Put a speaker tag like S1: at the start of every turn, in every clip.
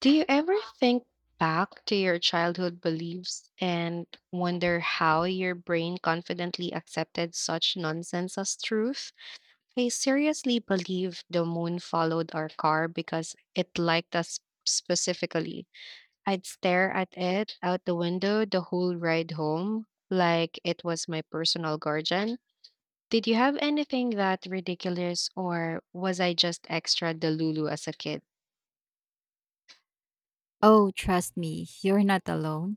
S1: Do you ever think back to your childhood beliefs and wonder how your brain confidently accepted such nonsense as truth? I seriously believe the moon followed our car because it liked us specifically. I'd stare at it out the window the whole ride home, like it was my personal guardian. Did you have anything that ridiculous, or was I just extra delulu as a kid?
S2: Oh, trust me, you're not alone.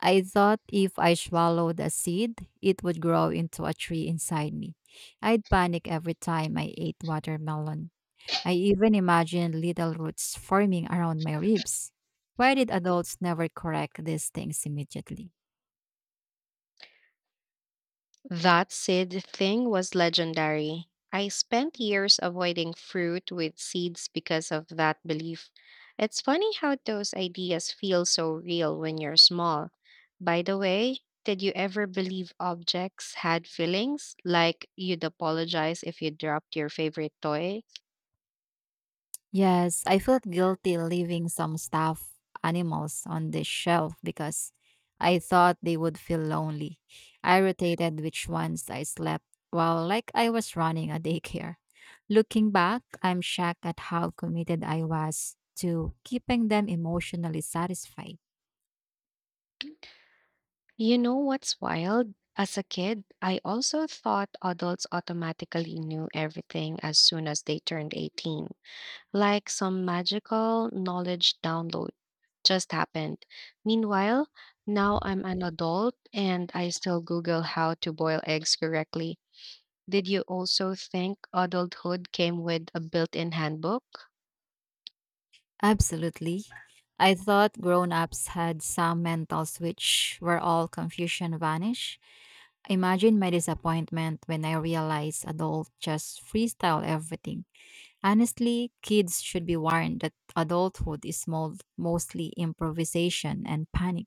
S2: I thought if I swallowed a seed, it would grow into a tree inside me. I'd panic every time I ate watermelon. I even imagined little roots forming around my ribs. Why did adults never correct these things immediately?
S1: That seed thing was legendary. I spent years avoiding fruit with seeds because of that belief. It's funny how those ideas feel so real when you're small. By the way, did you ever believe objects had feelings? Like you'd apologize if you dropped your favorite toy?
S2: Yes, I felt guilty leaving some stuffed animals on the shelf because I thought they would feel lonely. I rotated which ones I slept while like I was running a daycare. Looking back, I'm shocked at how committed I was to keeping them emotionally satisfied.
S1: You know what's wild? As a kid, I also thought adults automatically knew everything as soon as they turned 18, like some magical knowledge download just happened. Meanwhile, now I'm an adult and I still Google how to boil eggs correctly. Did you also think adulthood came with a built in handbook?
S2: Absolutely. I thought grown ups had some mental switch where all confusion vanished. Imagine my disappointment when I realized adults just freestyle everything. Honestly, kids should be warned that adulthood is mostly improvisation and panic.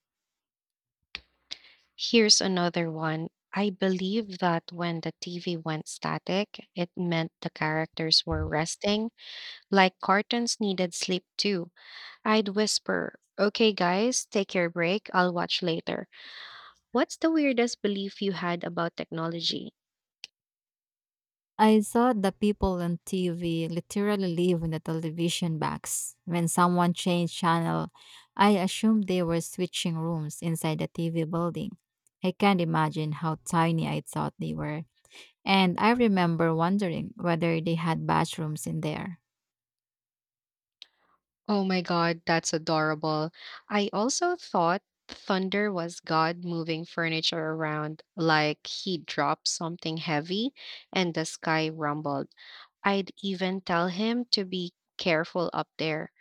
S1: Here's another one. I believe that when the TV went static, it meant the characters were resting, like cartoons needed sleep too. I'd whisper, "Okay, guys, take your break. I'll watch later." What's the weirdest belief you had about technology?
S2: I saw the people on TV literally leave in the television box. When someone changed channel, I assumed they were switching rooms inside the TV building. I can't imagine how tiny I thought they were. And I remember wondering whether they had bathrooms in there.
S1: Oh my God, that's adorable. I also thought thunder was God moving furniture around, like he dropped something heavy and the sky rumbled. I'd even tell him to be careful up there.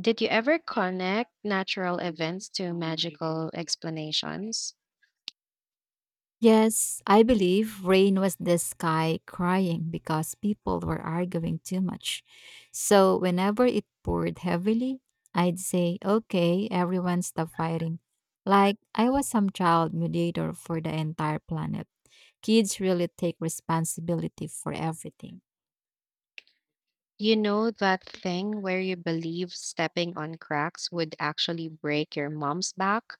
S1: Did you ever connect natural events to magical explanations?
S2: Yes, I believe rain was the sky crying because people were arguing too much. So whenever it poured heavily, I'd say, okay, everyone stop fighting. Like I was some child mediator for the entire planet. Kids really take responsibility for everything.
S1: You know that thing where you believe stepping on cracks would actually break your mom's back?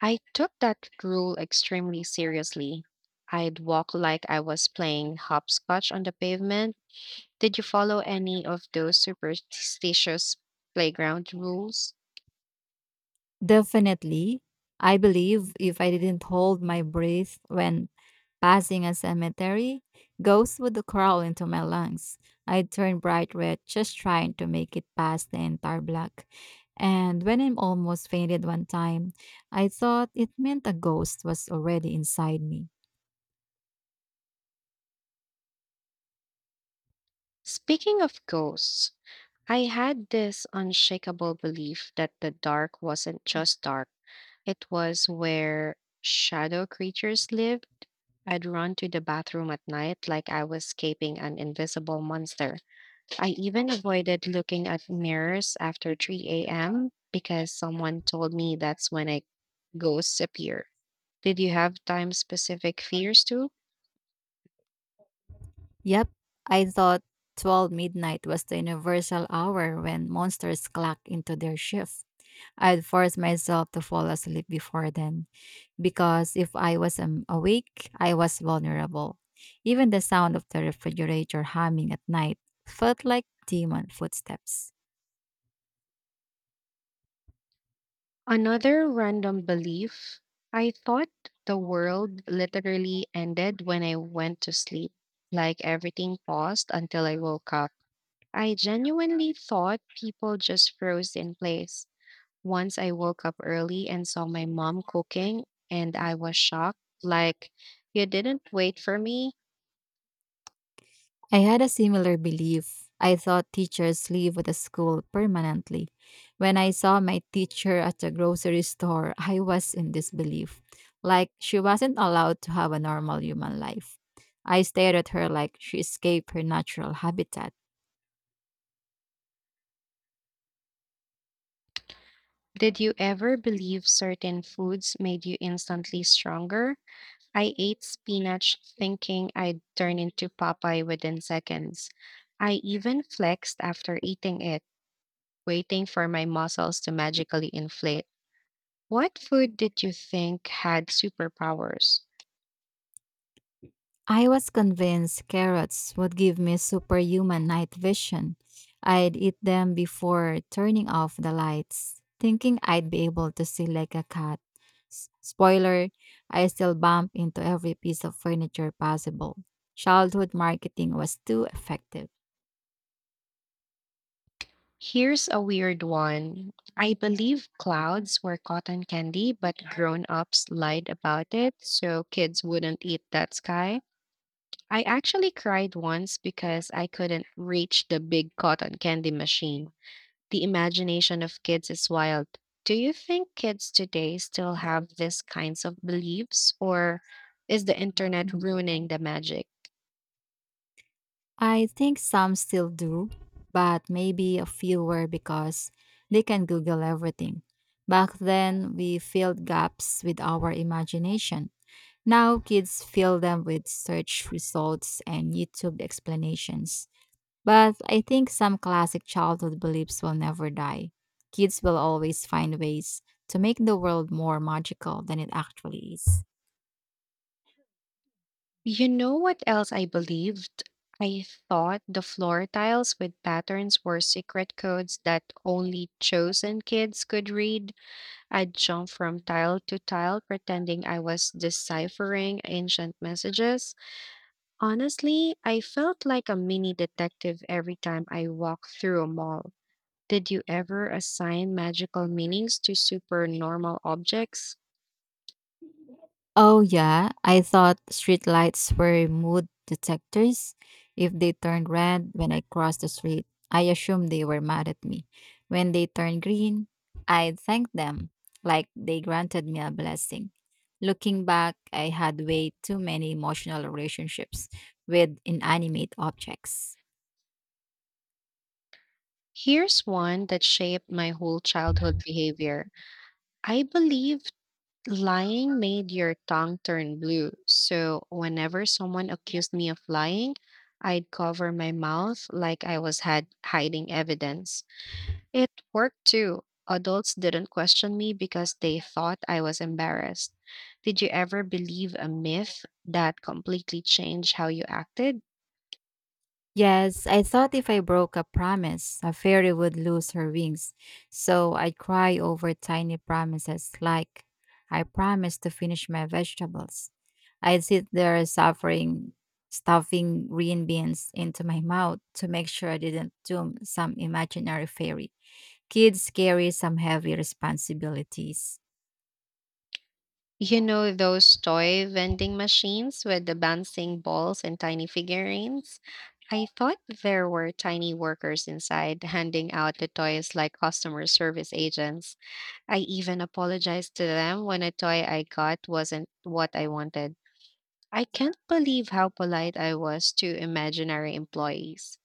S1: I took that rule extremely seriously. I'd walk like I was playing hopscotch on the pavement. Did you follow any of those superstitious playground rules?
S2: Definitely. I believe if I didn't hold my breath when passing a cemetery, ghosts would crawl into my lungs. I'd turn bright red just trying to make it past the entire block. And when I almost fainted one time, I thought it meant a ghost was already inside me.
S1: Speaking of ghosts, I had this unshakable belief that the dark wasn't just dark, it was where shadow creatures lived. I'd run to the bathroom at night like I was escaping an invisible monster. I even avoided looking at mirrors after 3 a.m. because someone told me that's when I ghosts appear. Did you have time specific fears too?
S2: Yep, I thought 12 midnight was the universal hour when monsters clock into their shift. I'd force myself to fall asleep before then because if I was awake, I was vulnerable. Even the sound of the refrigerator humming at night felt like demon footsteps.
S1: Another random belief: I thought the world literally ended when I went to sleep, like everything paused until I woke up. I genuinely thought people just froze in place. Once I woke up early and saw my mom cooking, and I was shocked. Like, you didn't wait for me?
S2: I had a similar belief. I thought teachers leave the school permanently. When I saw my teacher at the grocery store, I was in disbelief. Like she wasn't allowed to have a normal human life. I stared at her like she escaped her natural habitat.
S1: Did you ever believe certain foods made you instantly stronger? I ate spinach thinking I'd turn into Popeye within seconds. I even flexed after eating it, waiting for my muscles to magically inflate. What food did you think had superpowers?
S2: I was convinced carrots would give me superhuman night vision. I'd eat them before turning off the lights, thinking I'd be able to see like a cat. Spoiler, I still bump into every piece of furniture possible. Childhood marketing was too effective.
S1: Here's a weird one. I believe clouds were cotton candy, but grown ups lied about it, so kids wouldn't eat that sky. I actually cried once because I couldn't reach the big cotton candy machine. The imagination of kids is wild. Do you think kids today still have these kinds of beliefs, or is the internet ruining the magic?
S2: I think some still do, but maybe a few were because they can Google everything. Back then, we filled gaps with our imagination. Now kids fill them with search results and YouTube explanations. But I think some classic childhood beliefs will never die. Kids will always find ways to make the world more magical than it actually is.
S1: You know what else I believed? I thought the floor tiles with patterns were secret codes that only chosen kids could read. I'd jump from tile to tile pretending I was deciphering ancient messages. Honestly, I felt like a mini detective every time I walked through a mall. Did you ever assign magical meanings to supernormal objects?
S2: Oh yeah, I thought streetlights were mood detectors. If they turned red when I crossed the street, I assumed they were mad at me. When they turned green, I thanked them like they granted me a blessing. Looking back, I had way too many emotional relationships with inanimate objects.
S1: Here's one that shaped my whole childhood behavior. I believe lying made your tongue turn blue. So whenever someone accused me of lying, I'd cover my mouth like I was had hiding evidence. It worked too. Adults didn't question me because they thought I was embarrassed. Did you ever believe a myth that completely changed how you acted?
S2: Yes, I thought if I broke a promise, a fairy would lose her wings. So I'd cry over tiny promises like, I promised to finish my vegetables. I'd sit there suffering, stuffing green beans into my mouth to make sure I didn't doom some imaginary fairy. Kids carry some heavy responsibilities.
S1: You know those toy vending machines with the bouncing balls and tiny figurines? I thought there were tiny workers inside handing out the toys like customer service agents. I even apologized to them when a toy I got wasn't what I wanted. I can't believe how polite I was to imaginary employees.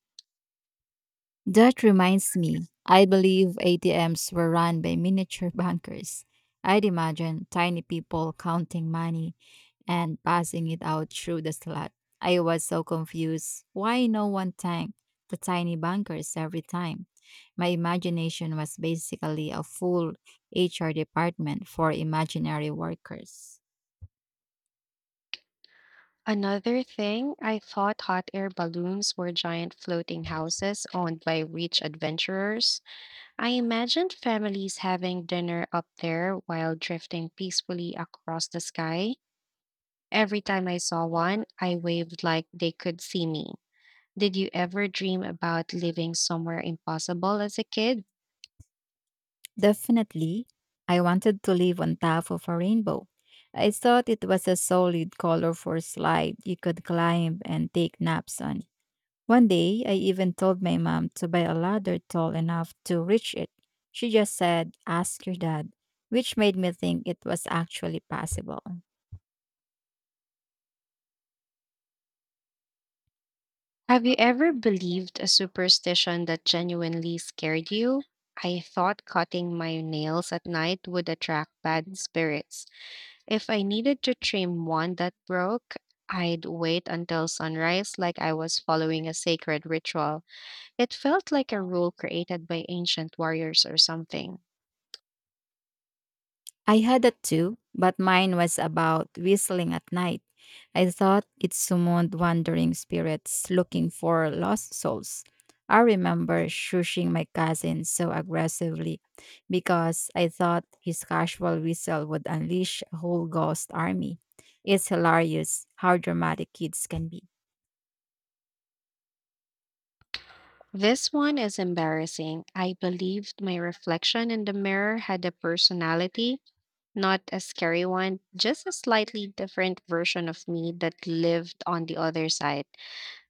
S2: That reminds me, I believe ATMs were run by miniature bankers. I'd imagine tiny people counting money and passing it out through the slot. I was so confused why no one thanked the tiny bankers every time. My imagination was basically a full HR department for imaginary workers.
S1: Another thing, I thought hot air balloons were giant floating houses owned by rich adventurers. I imagined families having dinner up there while drifting peacefully across the sky. Every time I saw one, I waved like they could see me. Did you ever dream about living somewhere impossible as a kid?
S2: Definitely, I wanted to live on top of a rainbow. I thought it was a solid colorful slide you could climb and take naps on. One day, I even told my mom to buy a ladder tall enough to reach it. She just said, Ask your dad, which made me think it was actually possible.
S1: Have you ever believed a superstition that genuinely scared you? I thought cutting my nails at night would attract bad spirits. If I needed to trim one that broke, I'd wait until sunrise like I was following a sacred ritual. It felt like a rule created by ancient warriors or something.
S2: I had that too, but mine was about whistling at night. I thought it summoned wandering spirits looking for lost souls. I remember shushing my cousin so aggressively because I thought his casual whistle would unleash a whole ghost army. It's hilarious how dramatic kids can be.
S1: This one is embarrassing. I believed my reflection in the mirror had a personality, not a scary one, just a slightly different version of me that lived on the other side.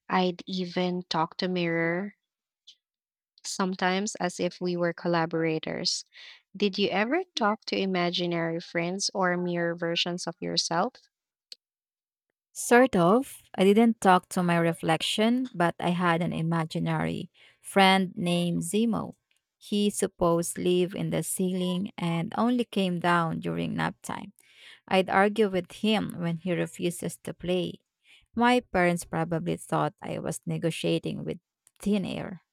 S1: I'd even talk to mirror sometimes as if we were collaborators. Did you ever talk to imaginary friends or mirror versions of yourself?
S2: Sort of. I didn't talk to my reflection, but I had an imaginary friend named Zemo. He supposed lived in the ceiling and only came down during nap time. I'd argue with him when he refuses to play. My parents probably thought I was negotiating with thin air.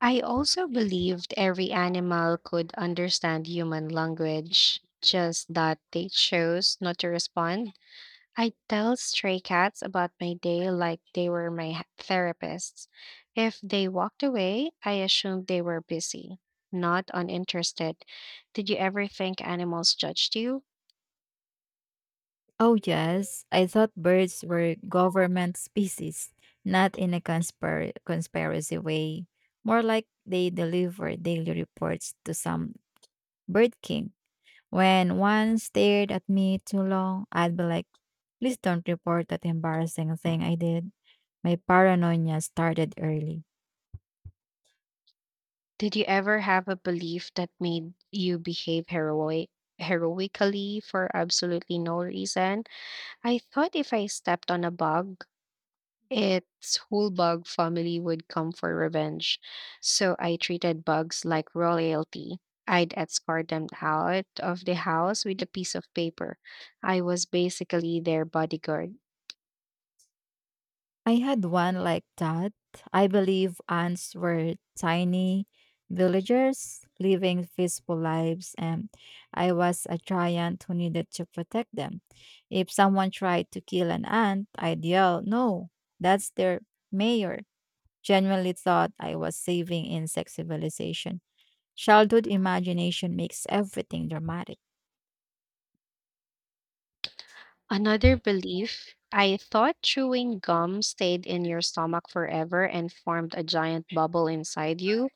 S1: I also believed every animal could understand human language, just that they chose not to respond. I tell stray cats about my day like they were my therapists. If they walked away, I assumed they were busy, not uninterested. Did you ever think animals judged you?
S2: Oh, yes. I thought birds were government species, not in a conspiracy way. More like they deliver daily reports to some bird king. When one stared at me too long, I'd be like, Please don't report that embarrassing thing I did. My paranoia started early.
S1: Did you ever have a belief that made you behave heroically for absolutely no reason? I thought if I stepped on a bug, its whole bug family would come for revenge, so I treated bugs like royalty. I'd escort them out of the house with a piece of paper. I was basically their bodyguard.
S2: I had one like that. I believe ants were tiny villagers living peaceful lives, and I was a giant who needed to protect them. If someone tried to kill an ant, I'd yell, No, that's their mayor. Genuinely thought I was saving insect civilization. Childhood imagination makes everything dramatic.
S1: Another belief: I thought chewing gum stayed in your stomach forever and formed a giant bubble inside you.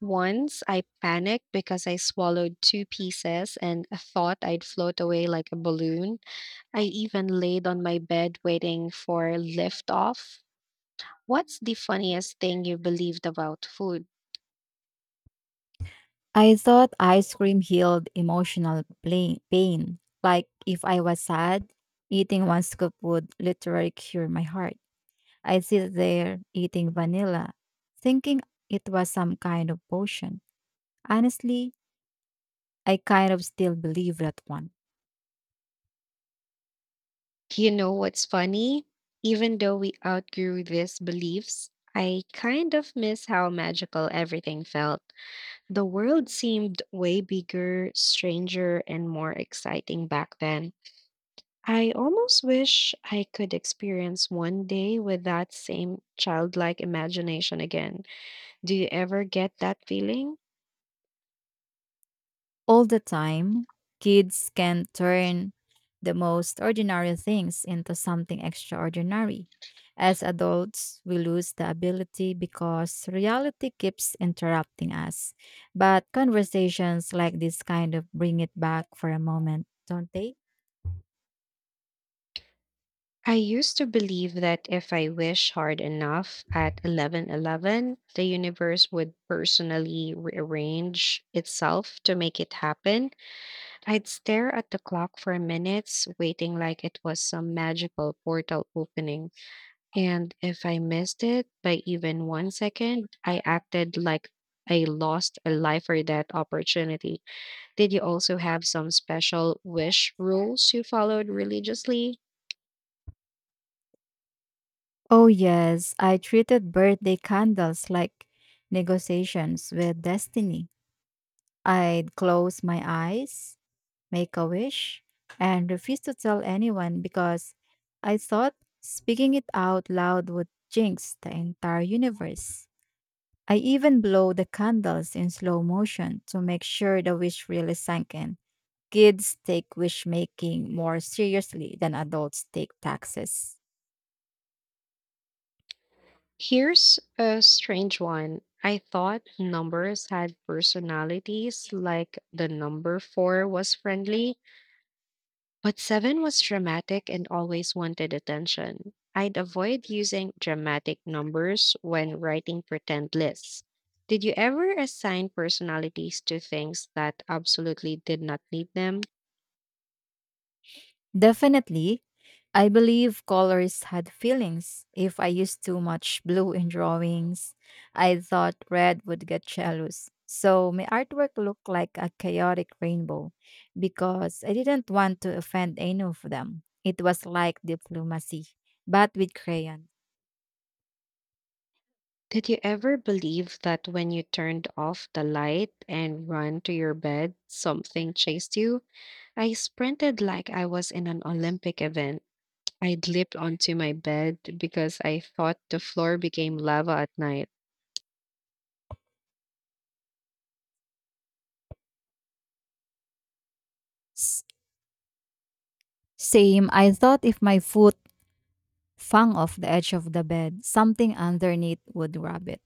S1: Once I panicked because I swallowed two pieces and thought I'd float away like a balloon. I even laid on my bed waiting for liftoff. What's the funniest thing you believed about food?
S2: I thought ice cream healed emotional pain. Like if I was sad, eating one scoop would literally cure my heart. I sit there eating vanilla, thinking it was some kind of potion. Honestly, I kind of still believe that one.
S1: You know what's funny? Even though we outgrew these beliefs, I kind of miss how magical everything felt. The world seemed way bigger, stranger, and more exciting back then. I almost wish I could experience one day with that same childlike imagination again. Do you ever get that feeling?
S2: All the time, kids can turn the most ordinary things into something extraordinary. As adults, we lose the ability because reality keeps interrupting us. But conversations like this kind of bring it back for a moment, don't they?
S1: I used to believe that if I wish hard enough at 11:11, the universe would personally rearrange itself to make it happen. I'd stare at the clock for minutes, waiting like it was some magical portal opening. And if I missed it by even 1 second, I acted like I lost a life or death opportunity. Did you also have some special wish rules you followed religiously?
S2: Oh, yes, I treated birthday candles like negotiations with destiny. I'd close my eyes, make a wish, and refuse to tell anyone because I thought speaking it out loud would jinx the entire universe. I even blow the candles in slow motion to make sure the wish really sank in. Kids take wish making more seriously than adults take taxes.
S1: Here's a strange one. I thought numbers had personalities, like the number four was friendly, but seven was dramatic and always wanted attention. I'd avoid using dramatic numbers when writing pretend lists. Did you ever assign personalities to things that absolutely did not need them?
S2: Definitely. I believe colors had feelings. If I used too much blue in drawings, I thought red would get jealous. So my artwork looked like a chaotic rainbow because I didn't want to offend any of them. It was like diplomacy, but with crayon.
S1: Did you ever believe that when you turned off the light and ran to your bed, something chased you? I sprinted like I was in an Olympic event. I leaped onto my bed because I thought the floor became lava at night.
S2: S- Same, I thought if my foot Fung off the edge of the bed, something underneath would grab it.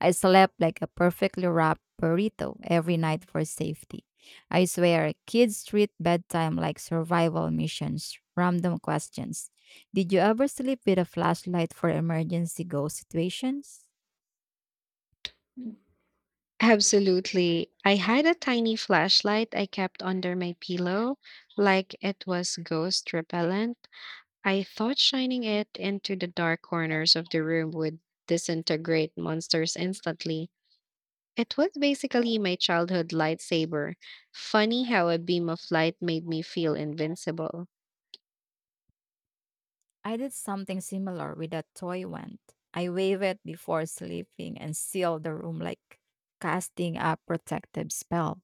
S2: I slept like a perfectly wrapped burrito every night for safety. I swear, kids treat bedtime like survival missions, random questions. Did you ever sleep with a flashlight for emergency go situations?
S1: Absolutely. I had a tiny flashlight I kept under my pillow, like it was ghost repellent. I thought shining it into the dark corners of the room would disintegrate monsters instantly. It was basically my childhood lightsaber. Funny how a beam of light made me feel invincible.
S2: I did something similar with a toy wand. I wave it before sleeping and seal the room like casting a protective spell.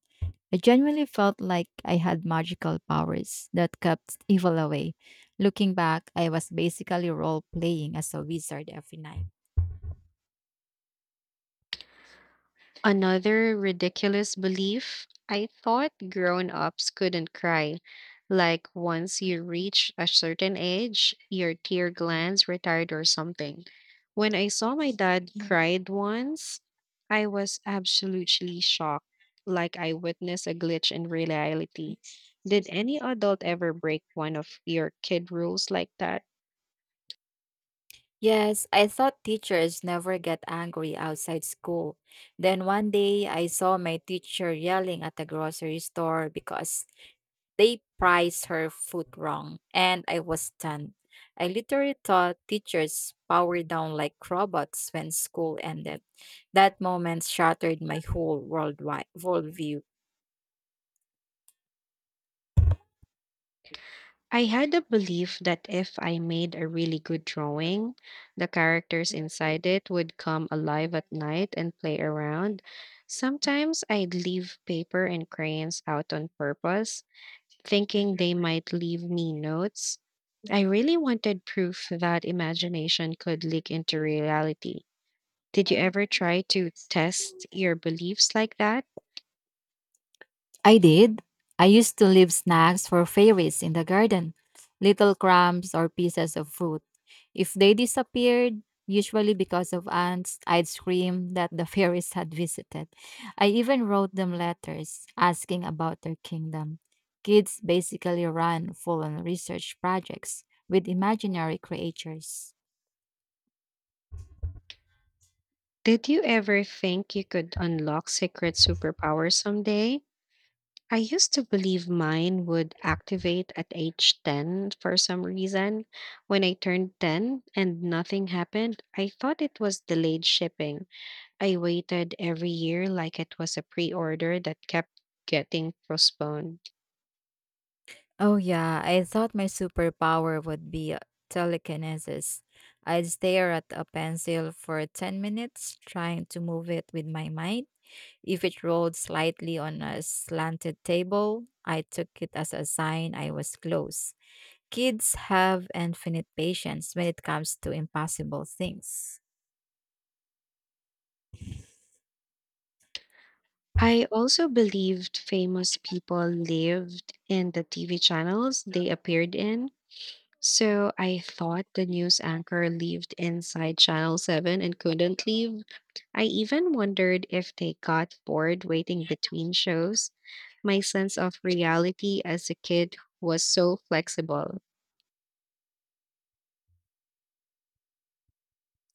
S2: I genuinely felt like I had magical powers that kept evil away. Looking back, I was basically role playing as a wizard every night.
S1: Another ridiculous belief: I thought grown ups couldn't cry. Like once you reach a certain age, your tear glands retired or something. When I saw my dad cried once, I was absolutely shocked, like I witnessed a glitch in reality. Did any adult ever break one of your kid rules like that?
S2: Yes, I thought teachers never get angry outside school. Then one day I saw my teacher yelling at the grocery store because they priced her food wrong, and I was stunned. I literally thought teachers powered down like robots when school ended. That moment shattered my whole worldwide worldview.
S1: I had a belief that if I made a really good drawing, the characters inside it would come alive at night and play around. Sometimes I'd leave paper and crayons out on purpose, thinking they might leave me notes. I really wanted proof that imagination could leak into reality. Did you ever try to test your beliefs like that?
S2: I did. I used to leave snacks for fairies in the garden, little crumbs or pieces of fruit. If they disappeared, usually because of ants, I'd scream that the fairies had visited. I even wrote them letters asking about their kingdom. Kids basically run full on research projects with imaginary creatures.
S1: Did you ever think you could unlock secret superpowers someday? I used to believe mine would activate at age 10 for some reason. When I turned 10 and nothing happened, I thought it was delayed shipping. I waited every year like it was a pre order that kept getting postponed.
S2: Oh, yeah. I thought my superpower would be telekinesis. I'd stare at a pencil for 10 minutes, trying to move it with my mind. If it rolled slightly on a slanted table, I took it as a sign I was close. Kids have infinite patience when it comes to impossible things.
S1: I also believed famous people lived in the TV channels they appeared in. So I thought the news anchor lived inside Channel 7 and couldn't leave. I even wondered if they got bored waiting between shows. My sense of reality as a kid was so flexible.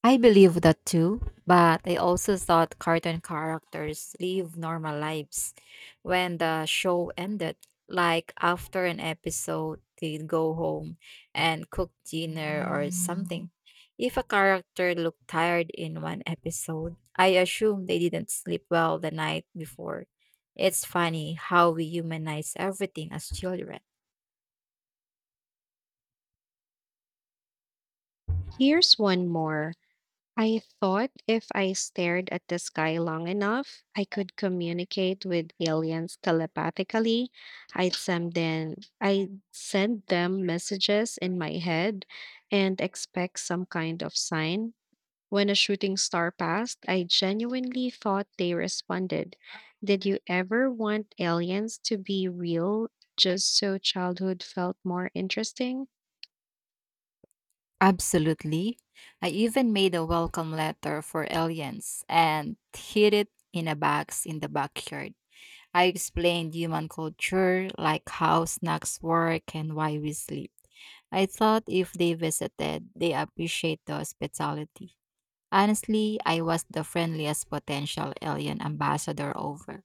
S2: I believe that too, but I also thought cartoon characters live normal lives. When the show ended, like after an episode, they'd go home and cook dinner or something. If a character looked tired in one episode, I assume they didn't sleep well the night before. It's funny how we humanize everything as children.
S1: Here's one more. I thought if I stared at the sky long enough, I could communicate with aliens telepathically. I'd send them, I'd send them messages in my head and expect some kind of sign. When a shooting star passed, I genuinely thought they responded. Did you ever want aliens to be real just so childhood felt more interesting?
S2: Absolutely. I even made a welcome letter for aliens and hid it in a box in the backyard. I explained human culture, like how snacks work and why we sleep. I thought if they visited, they appreciate the hospitality. Honestly, I was the friendliest potential alien ambassador over.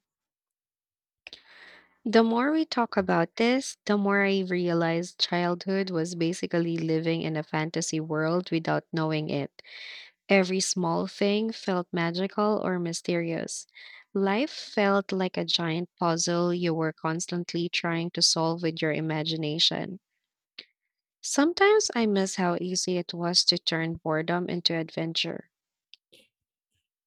S1: The more we talk about this, the more I realized childhood was basically living in a fantasy world without knowing it. Every small thing felt magical or mysterious. Life felt like a giant puzzle you were constantly trying to solve with your imagination. Sometimes I miss how easy it was to turn boredom into adventure.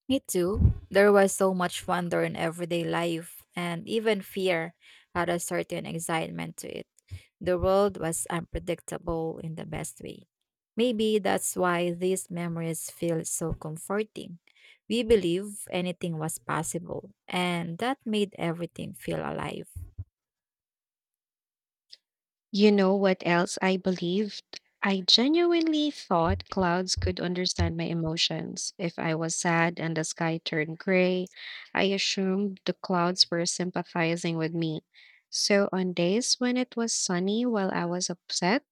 S2: Me too. There was so much wonder in everyday life, and even fear had a certain excitement to it. The world was unpredictable in the best way. Maybe that's why these memories feel so comforting. We believe anything was possible, and that made everything feel alive.
S1: You know what else I believed? I genuinely thought clouds could understand my emotions. If I was sad and the sky turned gray, I assumed the clouds were sympathizing with me. So on days when it was sunny while I was upset,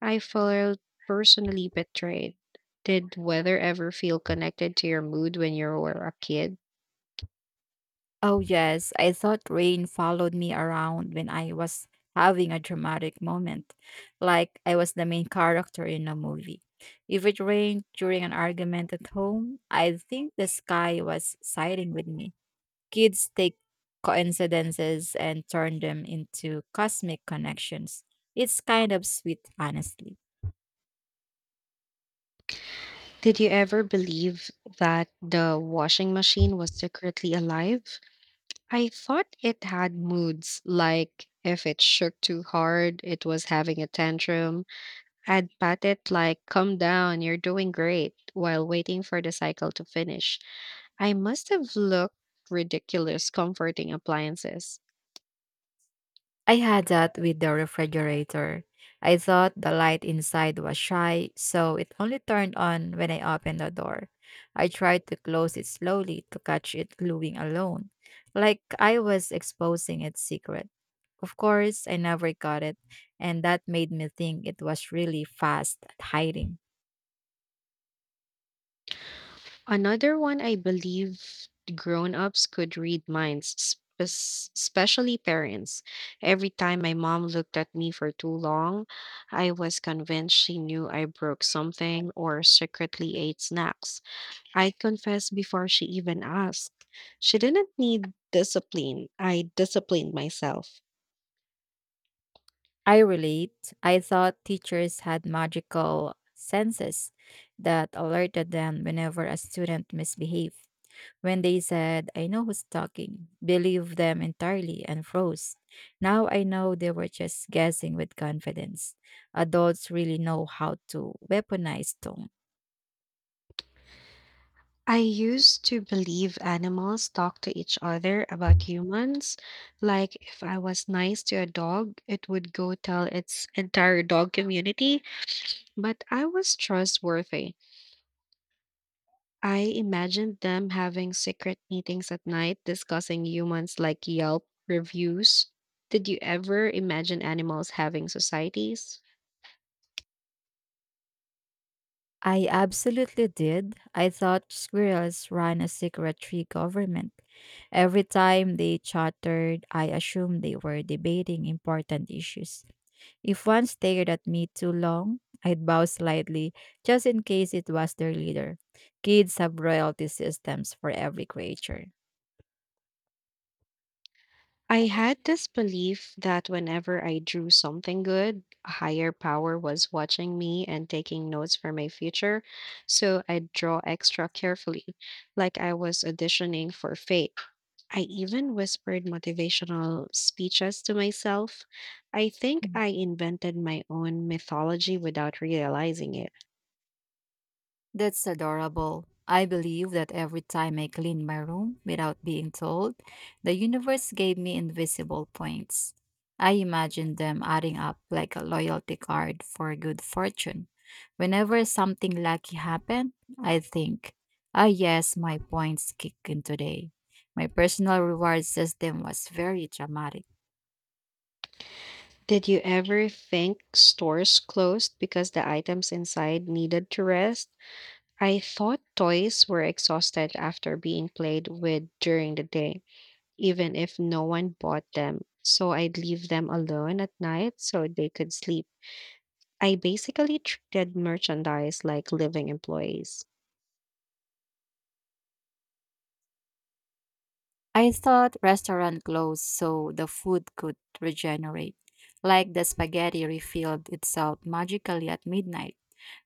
S1: I felt personally betrayed. Did weather ever feel connected to your mood when you were a kid?
S2: Oh, yes. I thought rain followed me around when I was having a dramatic moment, like I was the main character in a movie. If it rained during an argument at home, I think the sky was siding with me. Kids take coincidences and turn them into cosmic connections. It's kind of sweet, honestly.
S1: Did you ever believe that the washing machine was secretly alive? I thought it had moods, like if it shook too hard, it was having a tantrum. I'd pat it like, come down, you're doing great, while waiting for the cycle to finish. I must have looked ridiculous comforting appliances.
S2: I had that with the refrigerator. I thought the light inside was shy, so it only turned on when I opened the door. I tried to close it slowly to catch it gluing alone, like I was exposing its secret. Of course, I never got it, and that made me think it was really fast at hiding.
S1: Another one I believe grown-ups could read minds, especially parents. Every time my mom looked at me for too long, I was convinced she knew I broke something or secretly ate snacks. I confessed before she even asked. She didn't need discipline. I disciplined myself.
S2: I relate. I thought teachers had magical senses that alerted them whenever a student misbehaved. When they said, "I know who's talking," believed them entirely and froze. Now I know they were just guessing with confidence. Adults really know how to weaponize tone.
S1: I used to believe animals talk to each other about humans. Like, if I was nice to a dog, it would go tell its entire dog community. But I was trustworthy. I imagined them having secret meetings at night discussing humans like Yelp reviews. Did you ever imagine animals having societies?
S2: I absolutely did. I thought squirrels ran a secretary government. Every time they chattered, I assumed they were debating important issues. If one stared at me too long, I'd bow slightly just in case it was their leader. Kids have royalty systems for every creature.
S1: I had this belief that whenever I drew something good, a higher power was watching me and taking notes for my future. So I'd draw extra carefully, like I was auditioning for fate. I even whispered motivational speeches to myself. I think I invented my own mythology without realizing it.
S2: That's adorable. I believe that every time I clean my room without being told, the universe gave me invisible points. I imagined them adding up like a loyalty card for good fortune. Whenever something lucky happened, I think, ah, yes, my points kick in today. My personal reward system was very dramatic.
S1: Did you ever think stores closed because the items inside needed to rest? I thought toys were exhausted after being played with during the day, even if no one bought them. So I'd leave them alone at night so they could sleep. I basically treated merchandise like living employees.
S2: I thought restaurant closed so the food could regenerate, like the spaghetti refilled itself magically at midnight.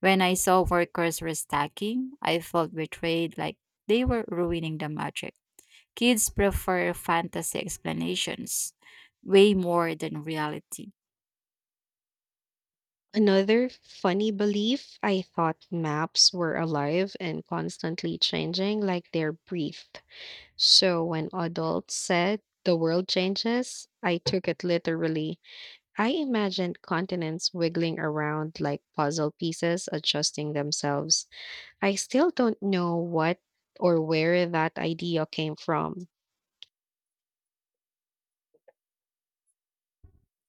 S2: When I saw workers restacking, I felt betrayed like they were ruining the magic. Kids prefer fantasy explanations way more than reality.
S1: Another funny belief I thought maps were alive and constantly changing, like they're breathed. So when adults said the world changes, I took it literally. I imagined continents wiggling around like puzzle pieces, adjusting themselves. I still don't know what or where that idea came from.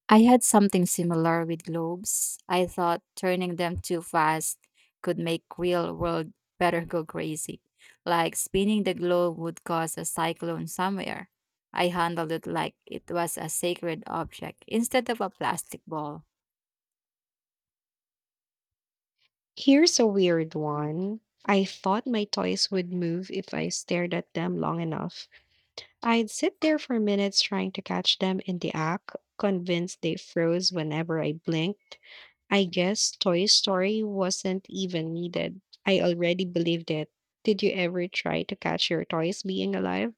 S2: I had something similar with globes. I thought turning them too fast could make real world better go crazy. Like spinning the globe would cause a cyclone somewhere. I handled it like it was a sacred object instead of a plastic ball.
S1: Here's a weird one. I thought my toys would move if I stared at them long enough. I'd sit there for minutes trying to catch them in the act, convinced they froze whenever I blinked. I guess Toy Story wasn't even needed. I already believed it. Did you ever try to catch your toys being alive?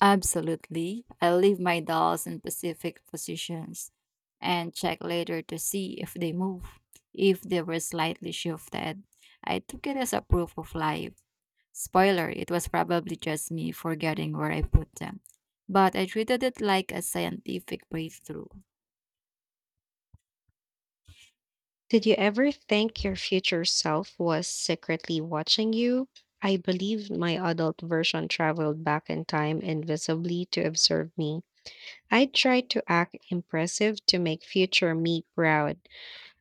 S2: Absolutely. I leave my dolls in specific positions and check later to see if they move. If they were slightly shifted, I took it as a proof of life. Spoiler, it was probably just me forgetting where I put them. But I treated it like a scientific breakthrough.
S1: Did you ever think your future self was secretly watching you? I believe my adult version traveled back in time invisibly to observe me. I tried to act impressive to make future me proud.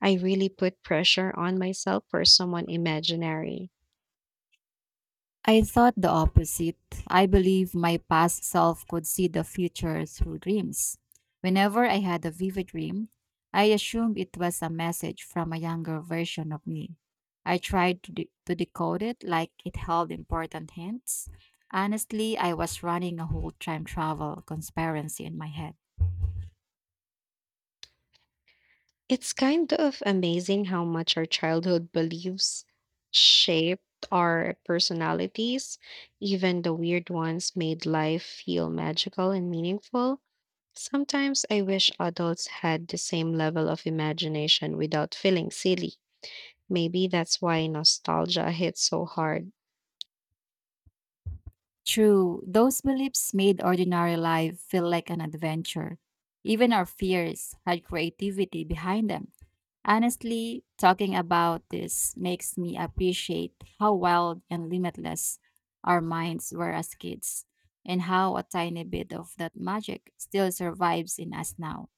S1: I really put pressure on myself for someone imaginary.
S2: I thought the opposite. I believe my past self could see the future through dreams. Whenever I had a vivid dream, I assumed it was a message from a younger version of me. I tried to, to decode it like it held important hints. Honestly, I was running a whole time travel conspiracy in my head.
S1: It's kind of amazing how much our childhood beliefs shaped our personalities. Even the weird ones made life feel magical and meaningful. Sometimes I wish adults had the same level of imagination without feeling silly. Maybe that's why nostalgia hits so hard.
S2: True, those beliefs made ordinary life feel like an adventure. Even our fears had creativity behind them. Honestly, talking about this makes me appreciate how wild and limitless our minds were as kids, and how a tiny bit of that magic still survives in us now.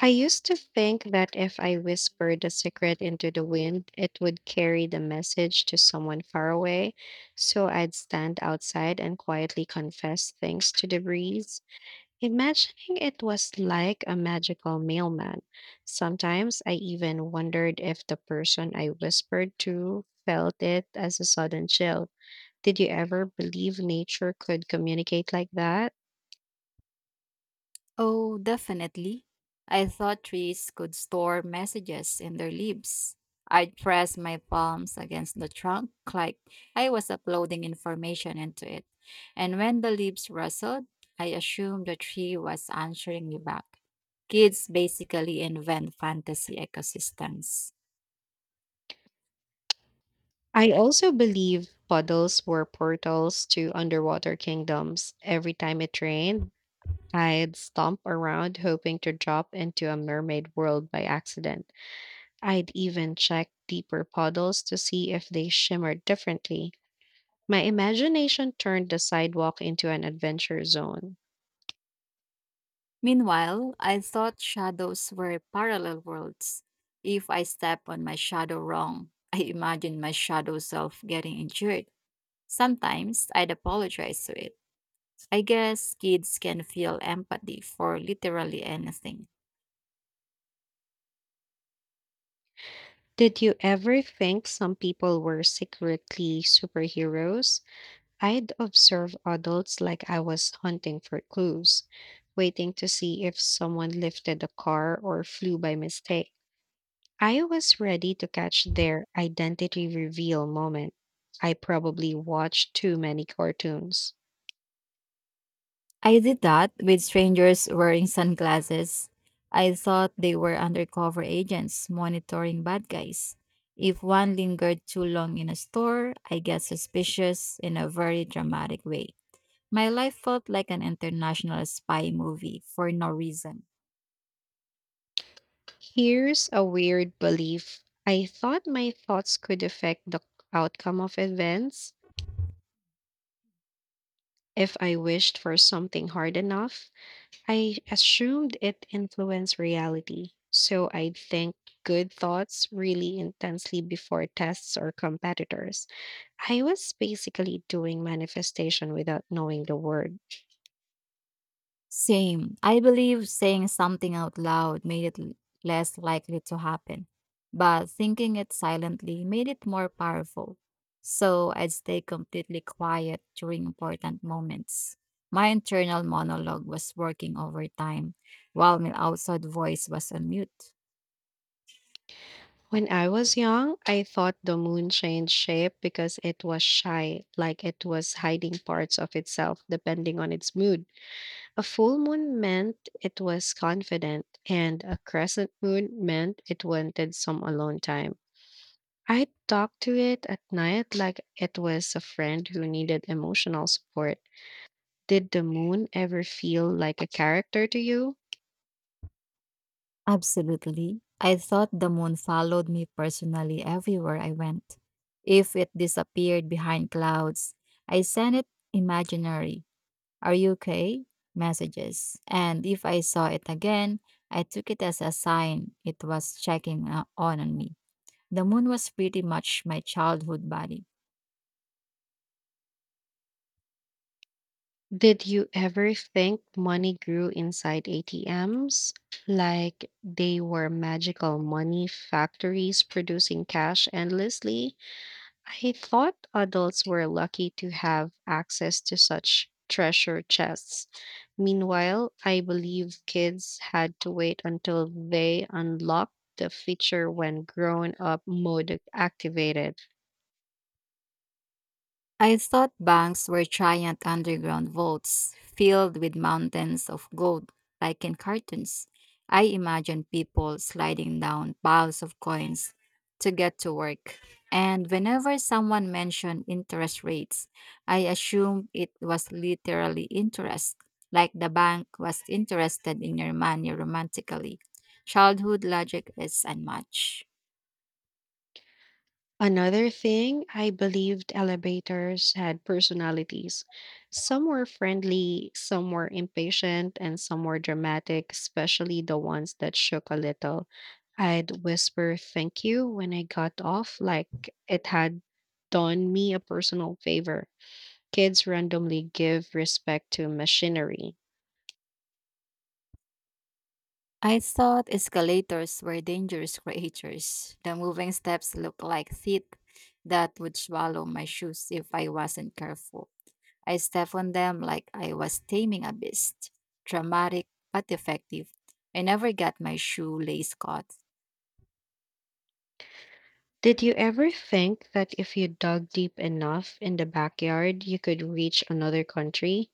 S1: I used to think that if I whispered a secret into the wind, it would carry the message to someone far away. So I'd stand outside and quietly confess things to the breeze. Imagining it was like a magical mailman. Sometimes I even wondered if the person I whispered to felt it as a sudden chill. Did you ever believe nature could communicate like that?
S2: Oh, definitely. I thought trees could store messages in their leaves. I'd press my palms against the trunk like I was uploading information into it. And when the leaves rustled, I assumed the tree was answering me back. Kids basically invent fantasy ecosystems.
S1: I also believe puddles were portals to underwater kingdoms. Every time it rained, I'd stomp around hoping to drop into a mermaid world by accident. I'd even check deeper puddles to see if they shimmered differently. My imagination turned the sidewalk into an adventure zone.
S2: Meanwhile, I thought shadows were parallel worlds. If I step on my shadow wrong, I imagine my shadow self getting injured. Sometimes I'd apologize to it. I guess kids can feel empathy for literally anything.
S1: Did you ever think some people were secretly superheroes? I'd observe adults like I was hunting for clues, waiting to see if someone lifted a car or flew by mistake. I was ready to catch their identity reveal moment. I probably watched too many cartoons.
S2: I did that with strangers wearing sunglasses. I thought they were undercover agents monitoring bad guys. If one lingered too long in a store, I get suspicious in a very dramatic way. My life felt like an international spy movie for no reason.
S1: Here's a weird belief. I thought my thoughts could affect the outcome of events if I wished for something hard enough. I assumed it influenced reality, so I'd think good thoughts really intensely before tests or competitors. I was basically doing manifestation without knowing the word.
S2: Same. I believe saying something out loud made it less likely to happen, but thinking it silently made it more powerful. So I'd stay completely quiet during important moments. My internal monologue was working overtime, while my outside voice was on mute.
S1: When I was young, I thought the moon changed shape because it was shy, like it was hiding parts of itself depending on its mood. A full moon meant it was confident, and a crescent moon meant it wanted some alone time. I talked to it at night like it was a friend who needed emotional support. Did the moon ever feel like a character to you?
S2: Absolutely. I thought the moon followed me personally everywhere I went. If it disappeared behind clouds, I sent it imaginary "Are you okay?" messages. And if I saw it again, I took it as a sign it was checking on me. The moon was pretty much my childhood body.
S1: Did you ever think money grew inside ATMs? Like they were magical money factories producing cash endlessly? I thought adults were lucky to have access to such treasure chests. Meanwhile, I believe kids had to wait until they unlocked the feature when grown up mode activated.
S2: I thought banks were giant underground vaults filled with mountains of gold, like in cartoons. I imagined people sliding down piles of coins to get to work. And whenever someone mentioned interest rates, I assumed it was literally interest, like the bank was interested in your money romantically. Childhood logic is unmatched.
S1: Another thing, I believed elevators had personalities. Some were friendly, some were impatient, and some were dramatic, especially the ones that shook a little. I'd whisper thank you when I got off, like it had done me a personal favor. Kids randomly give respect to machinery.
S2: I thought escalators were dangerous creatures. The moving steps looked like teeth that would swallow my shoes if I wasn't careful. I stepped on them like I was taming a beast. Dramatic but effective. I never got my shoelace caught.
S1: Did you ever think that if you dug deep enough in the backyard, you could reach another country?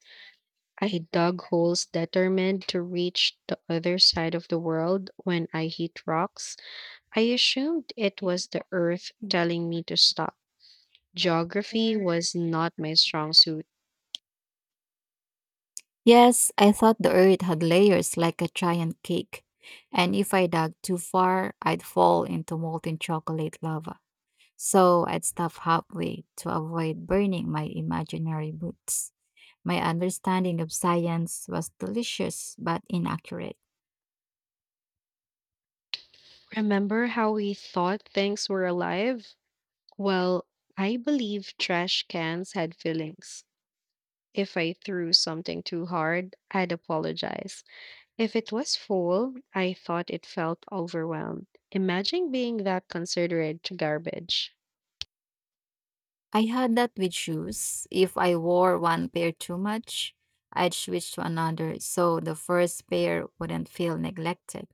S1: I dug holes determined to reach the other side of the world when I hit rocks. I assumed it was the earth telling me to stop. Geography was not my strong suit.
S2: Yes, I thought the earth had layers like a giant cake, and if I dug too far, I'd fall into molten chocolate lava. So I'd stop halfway to avoid burning my imaginary boots. My understanding of science was delicious but inaccurate.
S1: Remember how we thought things were alive? Well, I believe trash cans had feelings. If I threw something too hard, I'd apologize. If it was full, I thought it felt overwhelmed. Imagine being that considerate to garbage.
S2: I had that with shoes. If I wore one pair too much, I'd switch to another so the first pair wouldn't feel neglected.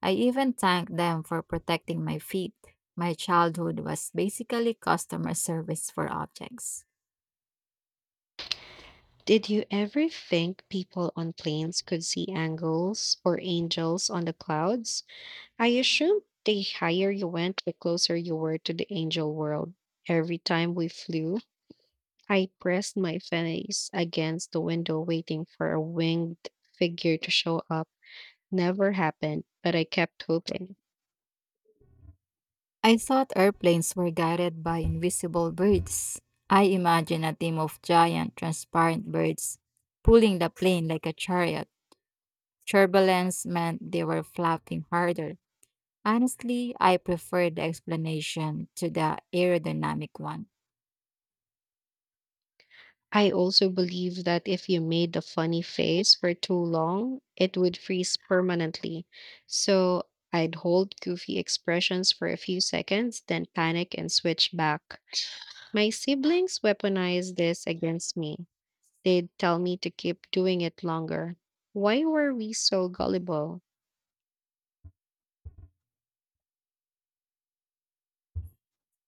S2: I even thanked them for protecting my feet. My childhood was basically customer service for objects.
S1: Did you ever think people on planes could see angels or angels on the clouds? I assume the higher you went, the closer you were to the angel world. Every time we flew, I pressed my face against the window waiting for a winged figure to show up. Never happened, but I kept hoping.
S2: I thought airplanes were guided by invisible birds. I imagined a team of giant, transparent birds pulling the plane like a chariot. Turbulence meant they were flapping harder. Honestly, I prefer the explanation to the aerodynamic one.
S1: I also believe that if you made a funny face for too long, it would freeze permanently. So I'd hold goofy expressions for a few seconds, then panic and switch back. My siblings weaponized this against me. They'd tell me to keep doing it longer. Why were we so gullible?